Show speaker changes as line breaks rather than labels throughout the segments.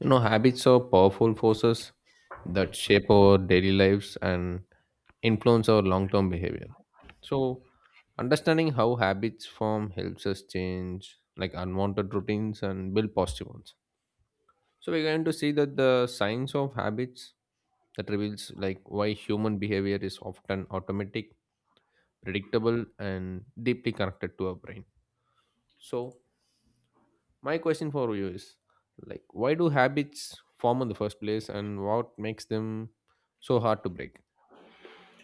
You know, habits are powerful forces that shape our daily lives and influence our long term behavior. So, Understanding how habits form helps us change like unwanted routines and build positive ones. So, we're going to see that the science of habits that reveals like why human behavior is often automatic, predictable, and deeply connected to our brain. So, My question for you is like why do habits form in the first place and what makes them so hard to break?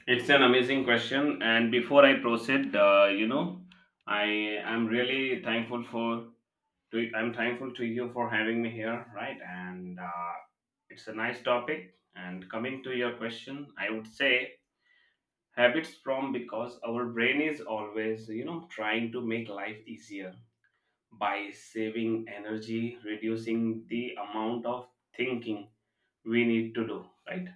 It's an amazing question. And before I proceed, I am really thankful for to I'm thankful to you for having me here, right? And it's a nice topic. And coming to your question, I would say habits from because our brain is always, trying to make life easier by saving energy, reducing the amount of thinking we need to do, right?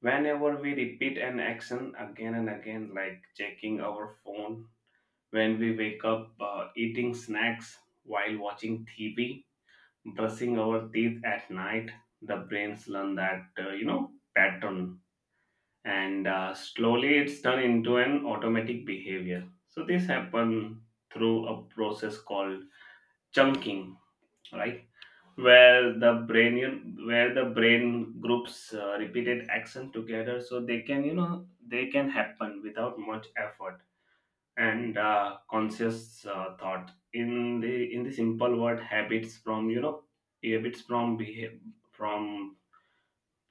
Whenever we repeat an action again and again, like checking our phone when we wake up, eating snacks while watching TV, brushing our teeth at night, the brains learn that, pattern. And slowly it's turned into an automatic behavior. So this happen through a process called chunking, right? Where the brain groups repeated action together so they can, you know, they can happen without much effort and conscious thought. In the simple word, habits from behavior, from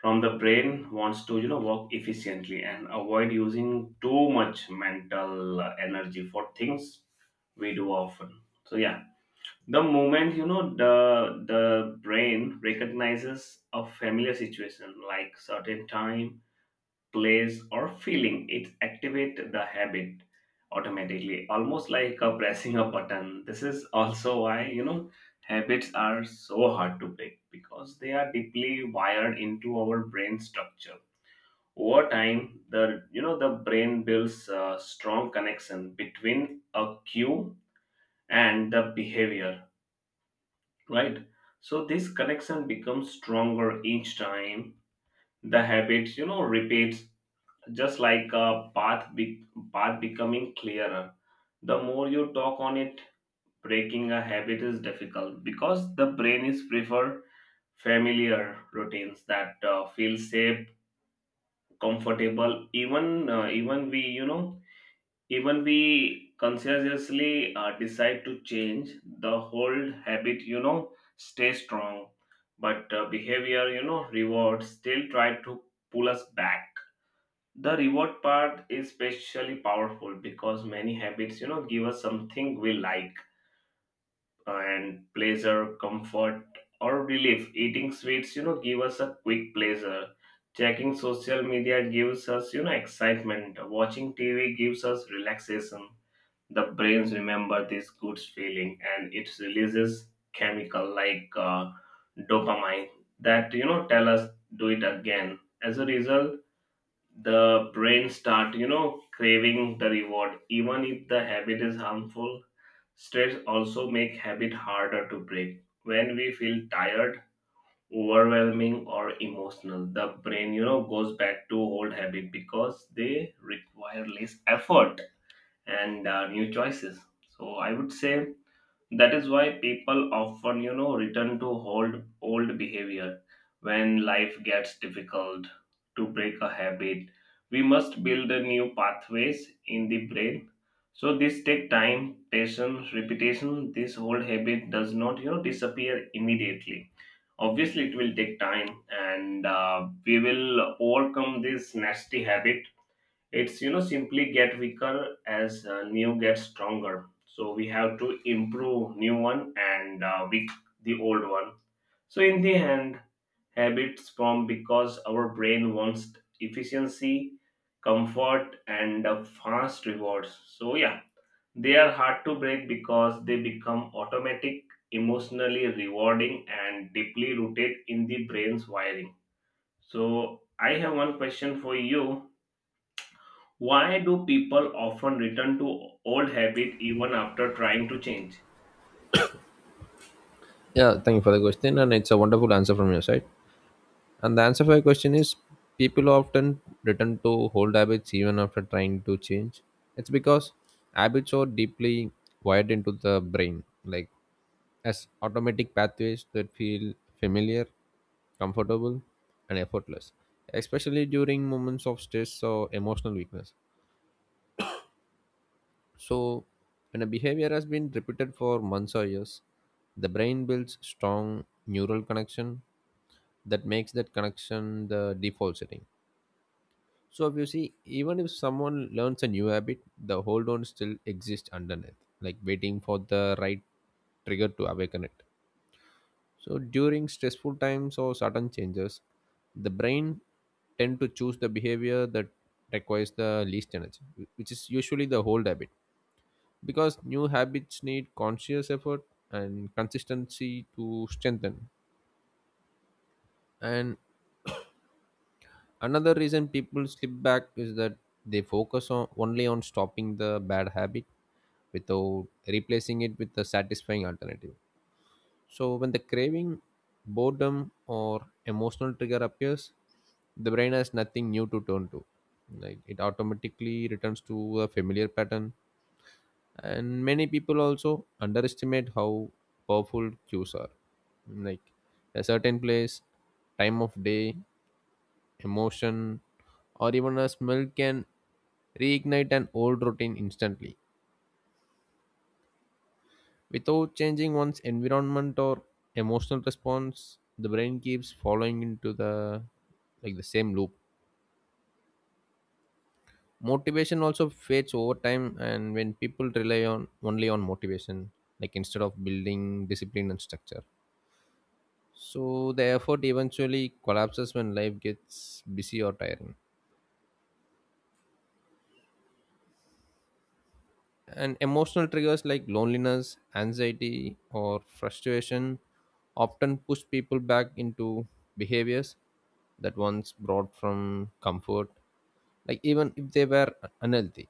from the brain wants to, you know, work efficiently and avoid using too much mental energy for things we do often. So yeah, the moment, you know, the brain recognizes a familiar situation like certain time, place, or feeling, it activates the habit automatically, almost like a pressing a button. This is also why, you know, habits are so hard to break, because they are deeply wired into our brain structure. Over time, the you know the brain builds a strong connection between a cue and the behavior, right? So this connection becomes stronger each time the habits, you know, repeats. Just like path becoming clearer the more you talk on it. Breaking a habit is difficult because the brain is prefer familiar routines that feel safe, comfortable, even even we you know even we consciously decide to change. The whole habit, you know, stay strong, but behavior, you know, reward still try to pull us back. The reward part is especially powerful because many habits, you know, give us something we like, and pleasure, comfort, or relief. Eating sweets, you know, give us a quick pleasure. Checking social media gives us, you know, excitement. Watching tv gives us relaxation. The brains remember this good feeling, and it releases chemical like dopamine that, you know, tell us do it again. As a result, the brain start, you know, craving the reward even if the habit is harmful. Stress also make habit harder to break. When we feel tired, overwhelming, or emotional, the brain, you know, goes back to old habit because they require less effort and new choices. So I would say that is why people often, return to old behavior when life gets difficult. To break a habit, we must build a new pathways in the brain. So this take time, patience, repetition. This old habit does not, disappear immediately. Obviously, it will take time, and we will overcome this nasty habit. It's, you know, simply get weaker as new gets stronger. So we have to improve new one and weak the old one. So in the end, habits form because our brain wants efficiency, comfort, and fast rewards. So yeah, they are hard to break because they become automatic, emotionally rewarding, and deeply rooted in the brain's wiring. So I have one question for you: why do people often return to old habit even after trying to change?
Yeah, thank you for the question and it's a wonderful answer from your side. And the answer for your question is people often return to old habits even after trying to change. It's because habits are deeply wired into the brain, like as automatic pathways that feel familiar, comfortable, and effortless, especially during moments of stress or emotional weakness. So, when a behavior has been repeated for months or years, the brain builds strong neural connection that makes that connection the default setting. So, if you see, even if someone learns a new habit, the hold on still exists underneath, like waiting for the right trigger to awaken it. So, during stressful times or sudden changes, the brain tend to choose the behavior that requires the least energy, which is usually the hold habit, because new habits need conscious effort and consistency to strengthen. And another reason people slip back is that they focus on only on stopping the bad habit without replacing it with a satisfying alternative. So when the craving, boredom, or emotional trigger appears, the brain has nothing new to turn to, like it automatically returns to a familiar pattern. And many people also underestimate how powerful cues are, like a certain place, time of day, emotion, or even a smell can reignite an old routine instantly. Without changing one's environment or emotional response, the brain keeps following into the like the same loop. Motivation also fades over time, and when people rely on only on motivation, like instead of building discipline and structure. So the effort eventually collapses when life gets busy or tiring. And emotional triggers like loneliness, anxiety, or frustration often push people back into behaviors that once brought from comfort, like even if they were unhealthy.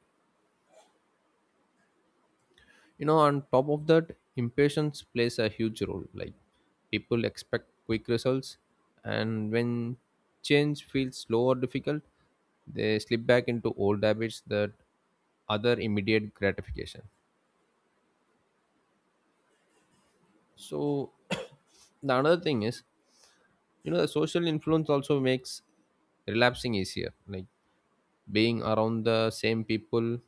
You know, on top of that, impatience plays a huge role, like people expect quick results, and when change feels slow or difficult, they slip back into old habits that other immediate gratification. So the another thing is, you know, the social influence also makes relapsing easier, like being around the same people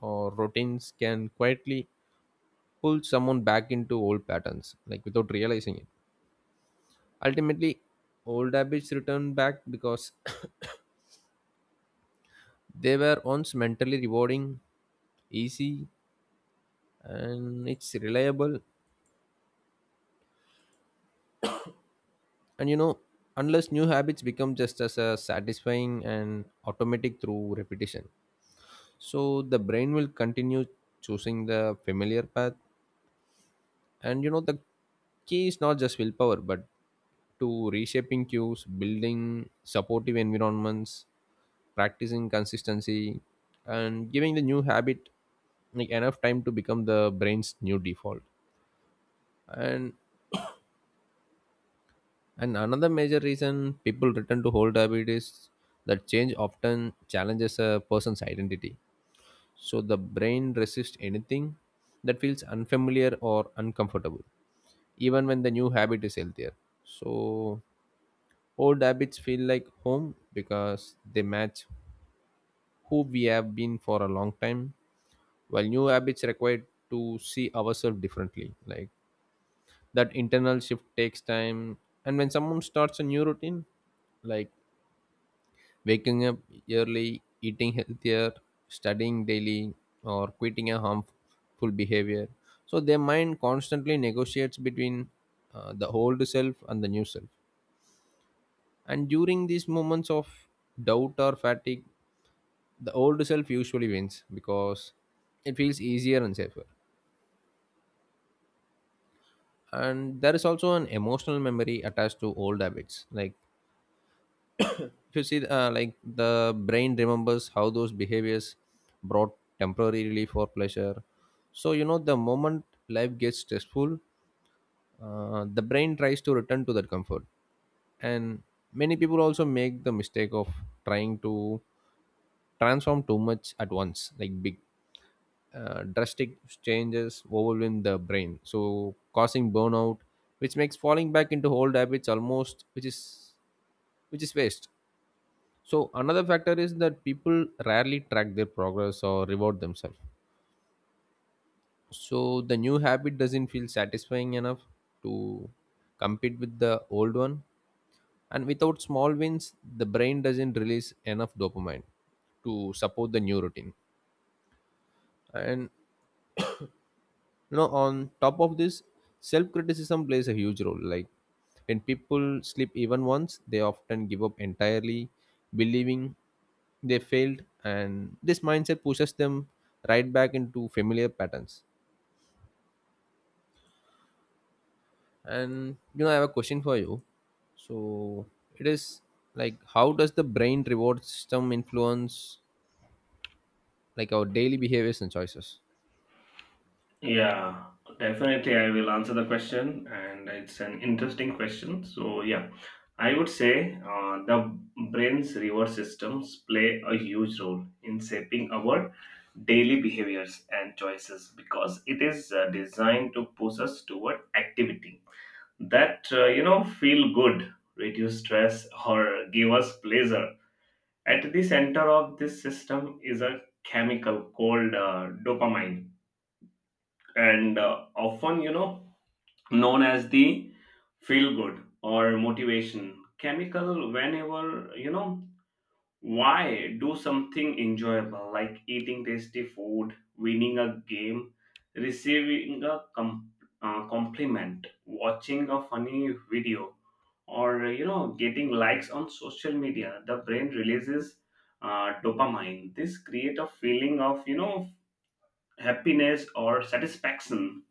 or routines can quietly pull someone back into old patterns, like without realizing it. Ultimately, old habits return back because they were once mentally rewarding, easy, and it's reliable. And you know, unless new habits become just as satisfying and automatic through repetition. So the brain will continue choosing the familiar path. And you know, the key is not just willpower, but to reshaping cues, building supportive environments, practicing consistency, and giving the new habit like enough time to become the brain's new default. And and another major reason people return to old habit is that change often challenges a person's identity. So the brain resists anything that feels unfamiliar or uncomfortable, even when the new habit is healthier. So old habits feel like home because they match who we have been for a long time, while new habits require to see ourselves differently, like that internal shift takes time. And when someone starts a new routine, like waking up early, eating healthier, studying daily, or quitting a harmful behavior. So their mind constantly negotiates between the old self and the new self. And during these moments of doubt or fatigue, the old self usually wins because it feels easier and safer. And there is also an emotional memory attached to old habits, like if you see, like the brain remembers how those behaviors brought temporary relief or pleasure. So, you know, the moment life gets stressful, the brain tries to return to that comfort. And many people also make the mistake of trying to transform too much at once, like big, drastic changes overwhelm the brain. So, causing burnout, which makes falling back into old habits almost, which is waste. So another factor is that people rarely track their progress or reward themselves. So the new habit doesn't feel satisfying enough to compete with the old one. And without small wins, the brain doesn't release enough dopamine to support the new routine. And you know, on top of this, self criticism plays a huge role, like when people slip even once, they often give up entirely, believing they failed, and this mindset pushes them right back into familiar patterns. And you know, I have a question for you. So it is like how does the brain reward system influence like our daily behaviors and choices?
Yeah, definitely I will answer the question and it's an interesting question. So yeah, I would say the brain's reward systems play a huge role in shaping our daily behaviors and choices, because it is designed to push us toward activity that, you know, feel good, reduce stress, or give us pleasure. At the center of this system is a chemical called dopamine, and often, known as the feel good or motivation chemical. Whenever, you know, why do something enjoyable like eating tasty food, winning a game, receiving a compliment, watching a funny video, or, you know, getting likes on social media? The brain releases dopamine. This create a feeling of, you know, happiness or satisfaction,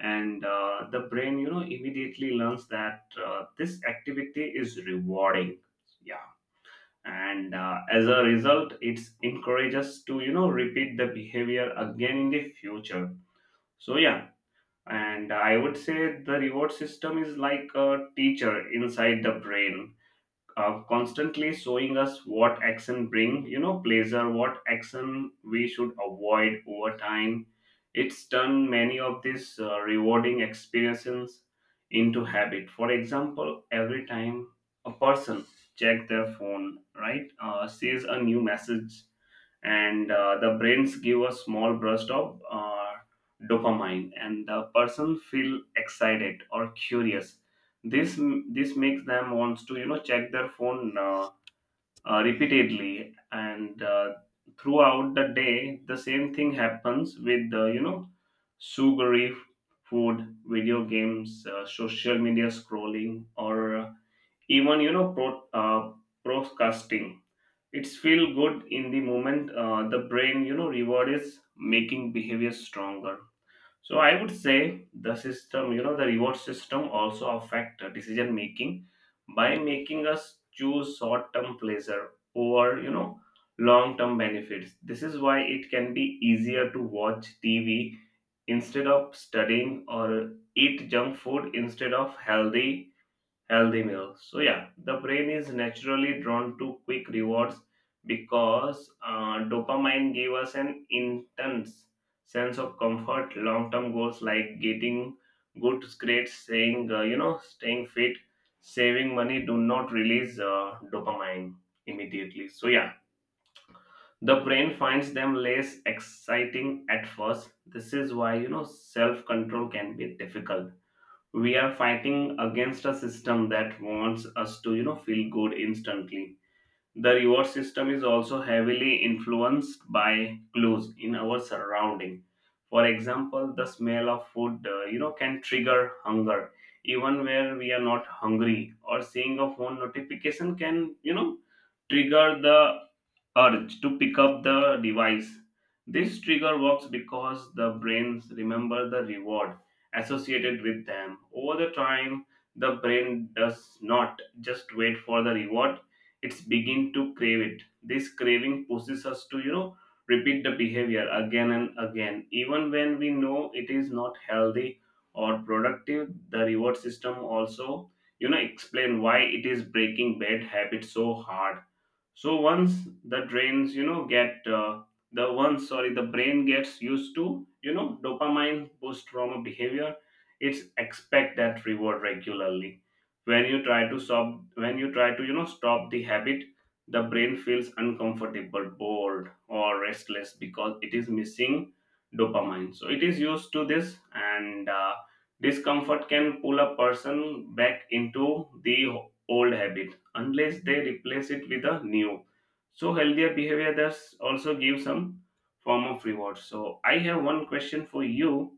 and the brain, you know, immediately learns that this activity is rewarding. Yeah, and as a result, it encourages to, you know, repeat the behavior again in the future. So yeah, and I would say the reward system is like a teacher inside the brain, constantly showing us what action bring, you know, pleasure, what action we should avoid. Over time, it's turned many of these rewarding experiences into habit. For example, every time a person check their phone, right, sees a new message, and the brains give a small burst of dopamine, and the person feel excited or curious. This this makes them wants to, you know, check their phone repeatedly and throughout the day. The same thing happens with the, you know, sugary food, video games, social media scrolling, or even, you know, broadcasting. It's feel good in the moment. The brain, you know, reward is making behavior stronger. So I would say the reward system also affect the decision making by making us choose short term pleasure over, you know, long term benefits. This is why it can be easier to watch tv instead of studying, or eat junk food instead of healthy meals. So yeah, the brain is naturally drawn to quick rewards because dopamine gave us an intense sense of comfort. Long-term goals like getting good grades, saying staying fit, saving money do not release dopamine immediately. So yeah, the brain finds them less exciting at first. This is why, you know, self-control can be difficult. We are fighting against a system that wants us to, you know, feel good instantly. The reward system is also heavily influenced by clues in our surrounding. For example, the smell of food, you know, can trigger hunger even where we are not hungry, or seeing a phone notification can, you know, trigger the urge to pick up the device. This trigger works because the brains remember the reward associated with them. Over the time, the brain does not just wait for the reward, it's begin to crave it. This craving pushes us to, repeat the behavior again and again. Even when we know it is not healthy or productive, the reward system also, explain why it is breaking bad habits so hard. So once the drains you know get the once sorry The brain gets used to, you know, dopamine post trauma behavior. It's expect that reward regularly. When you try to, you know, stop the habit, the brain feels uncomfortable, bored, or restless because it is missing dopamine, so it is used to this, and discomfort can pull a person back into the old habit unless they replace it with a new. So healthier behavior does also give some form of reward. So I have one question for you,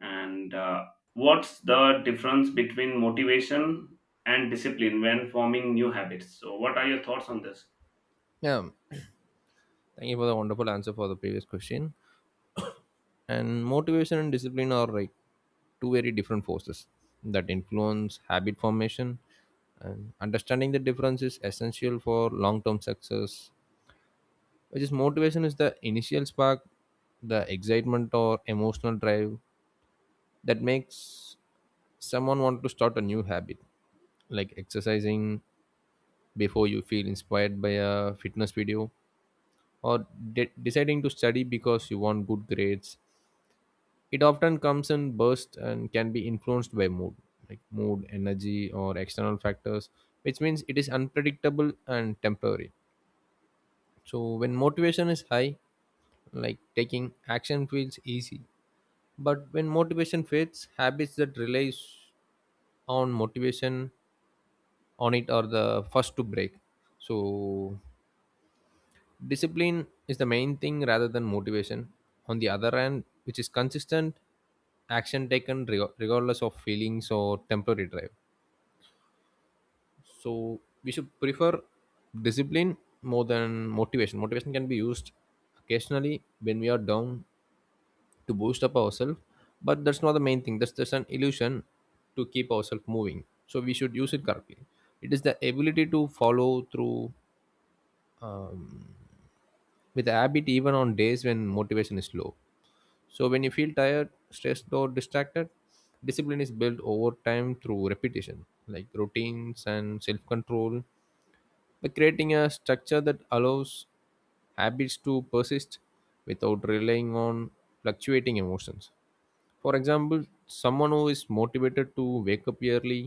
and what's the difference between motivation and discipline when forming new habits? So what are your thoughts on this?
Yeah, thank you for the wonderful answer for the previous question. And motivation and discipline are like two very different forces that influence habit formation. And understanding the difference is essential for long term success, which is motivation is the initial spark, the excitement or emotional drive that makes someone want to start a new habit, like exercising before you feel inspired by a fitness video, or deciding to study because you want good grades. It often comes in bursts and can be influenced by mood, like mood, energy, or external factors, which means it is unpredictable and temporary. So, when motivation is high, like taking action feels easy. But when motivation fades, habits that relies on motivation on it are the first to break. So, discipline is the main thing rather than motivation on the other hand, which is consistent action taken regardless of feelings or temporary drive. So we should prefer discipline more than motivation. Motivation can be used occasionally when we are down to boost up ourselves, but that's not the main thing, that's just an illusion to keep ourselves moving, so we should use it correctly. It is the ability to follow through um, with a habit even on days when motivation is low. So when you feel tired, stressed, or distracted, discipline is built over time through repetition, like routines and self control, by creating a structure that allows habits to persist without relying on fluctuating emotions. For example, someone who is motivated to wake up early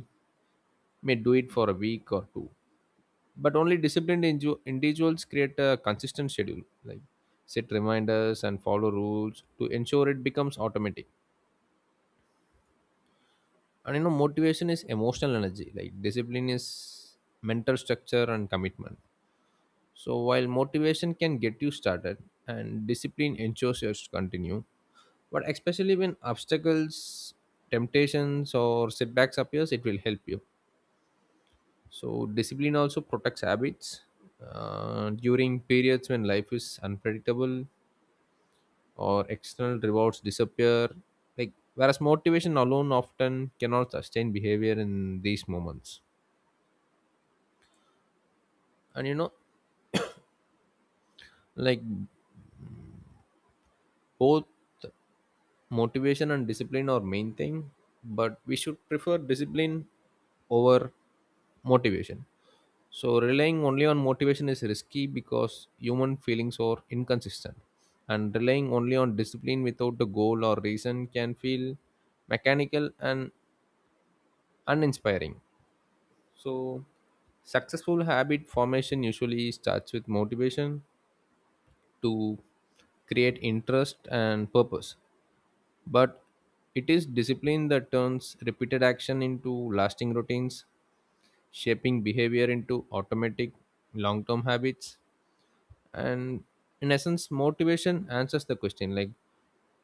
may do it for a week or two. But only disciplined individuals create a consistent schedule, like set reminders and follow rules to ensure it becomes automatic. And you know, motivation is emotional energy, like discipline is mental structure and commitment. So while motivation can get you started and discipline ensures you to continue, but especially when obstacles, temptations, or setbacks appears, it will help you. So discipline also protects habits during periods when life is unpredictable or external rewards disappear, like whereas motivation alone often cannot sustain behavior in these moments. And you know, like both motivation and discipline are main thing, but we should prefer discipline over motivation. So relying only on motivation is risky because human feelings are inconsistent, and relying only on discipline without a goal or reason can feel mechanical and uninspiring. So successful habit formation usually starts with motivation to create interest and purpose. But it is discipline that turns repeated action into lasting routines, shaping behavior into automatic long term habits. And in essence, motivation answers the question like,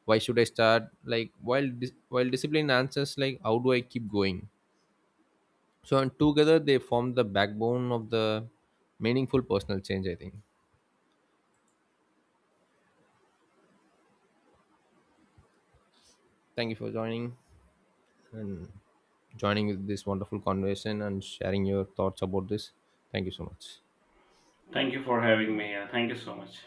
why should I start? Like, while, while discipline answers, like, how do I keep going? So, and together they form the backbone of the meaningful personal change, I think. Thank you for joining and joining with this wonderful conversation and sharing your thoughts about this. Thank you so much.
Thank you for having me here. Thank you so much.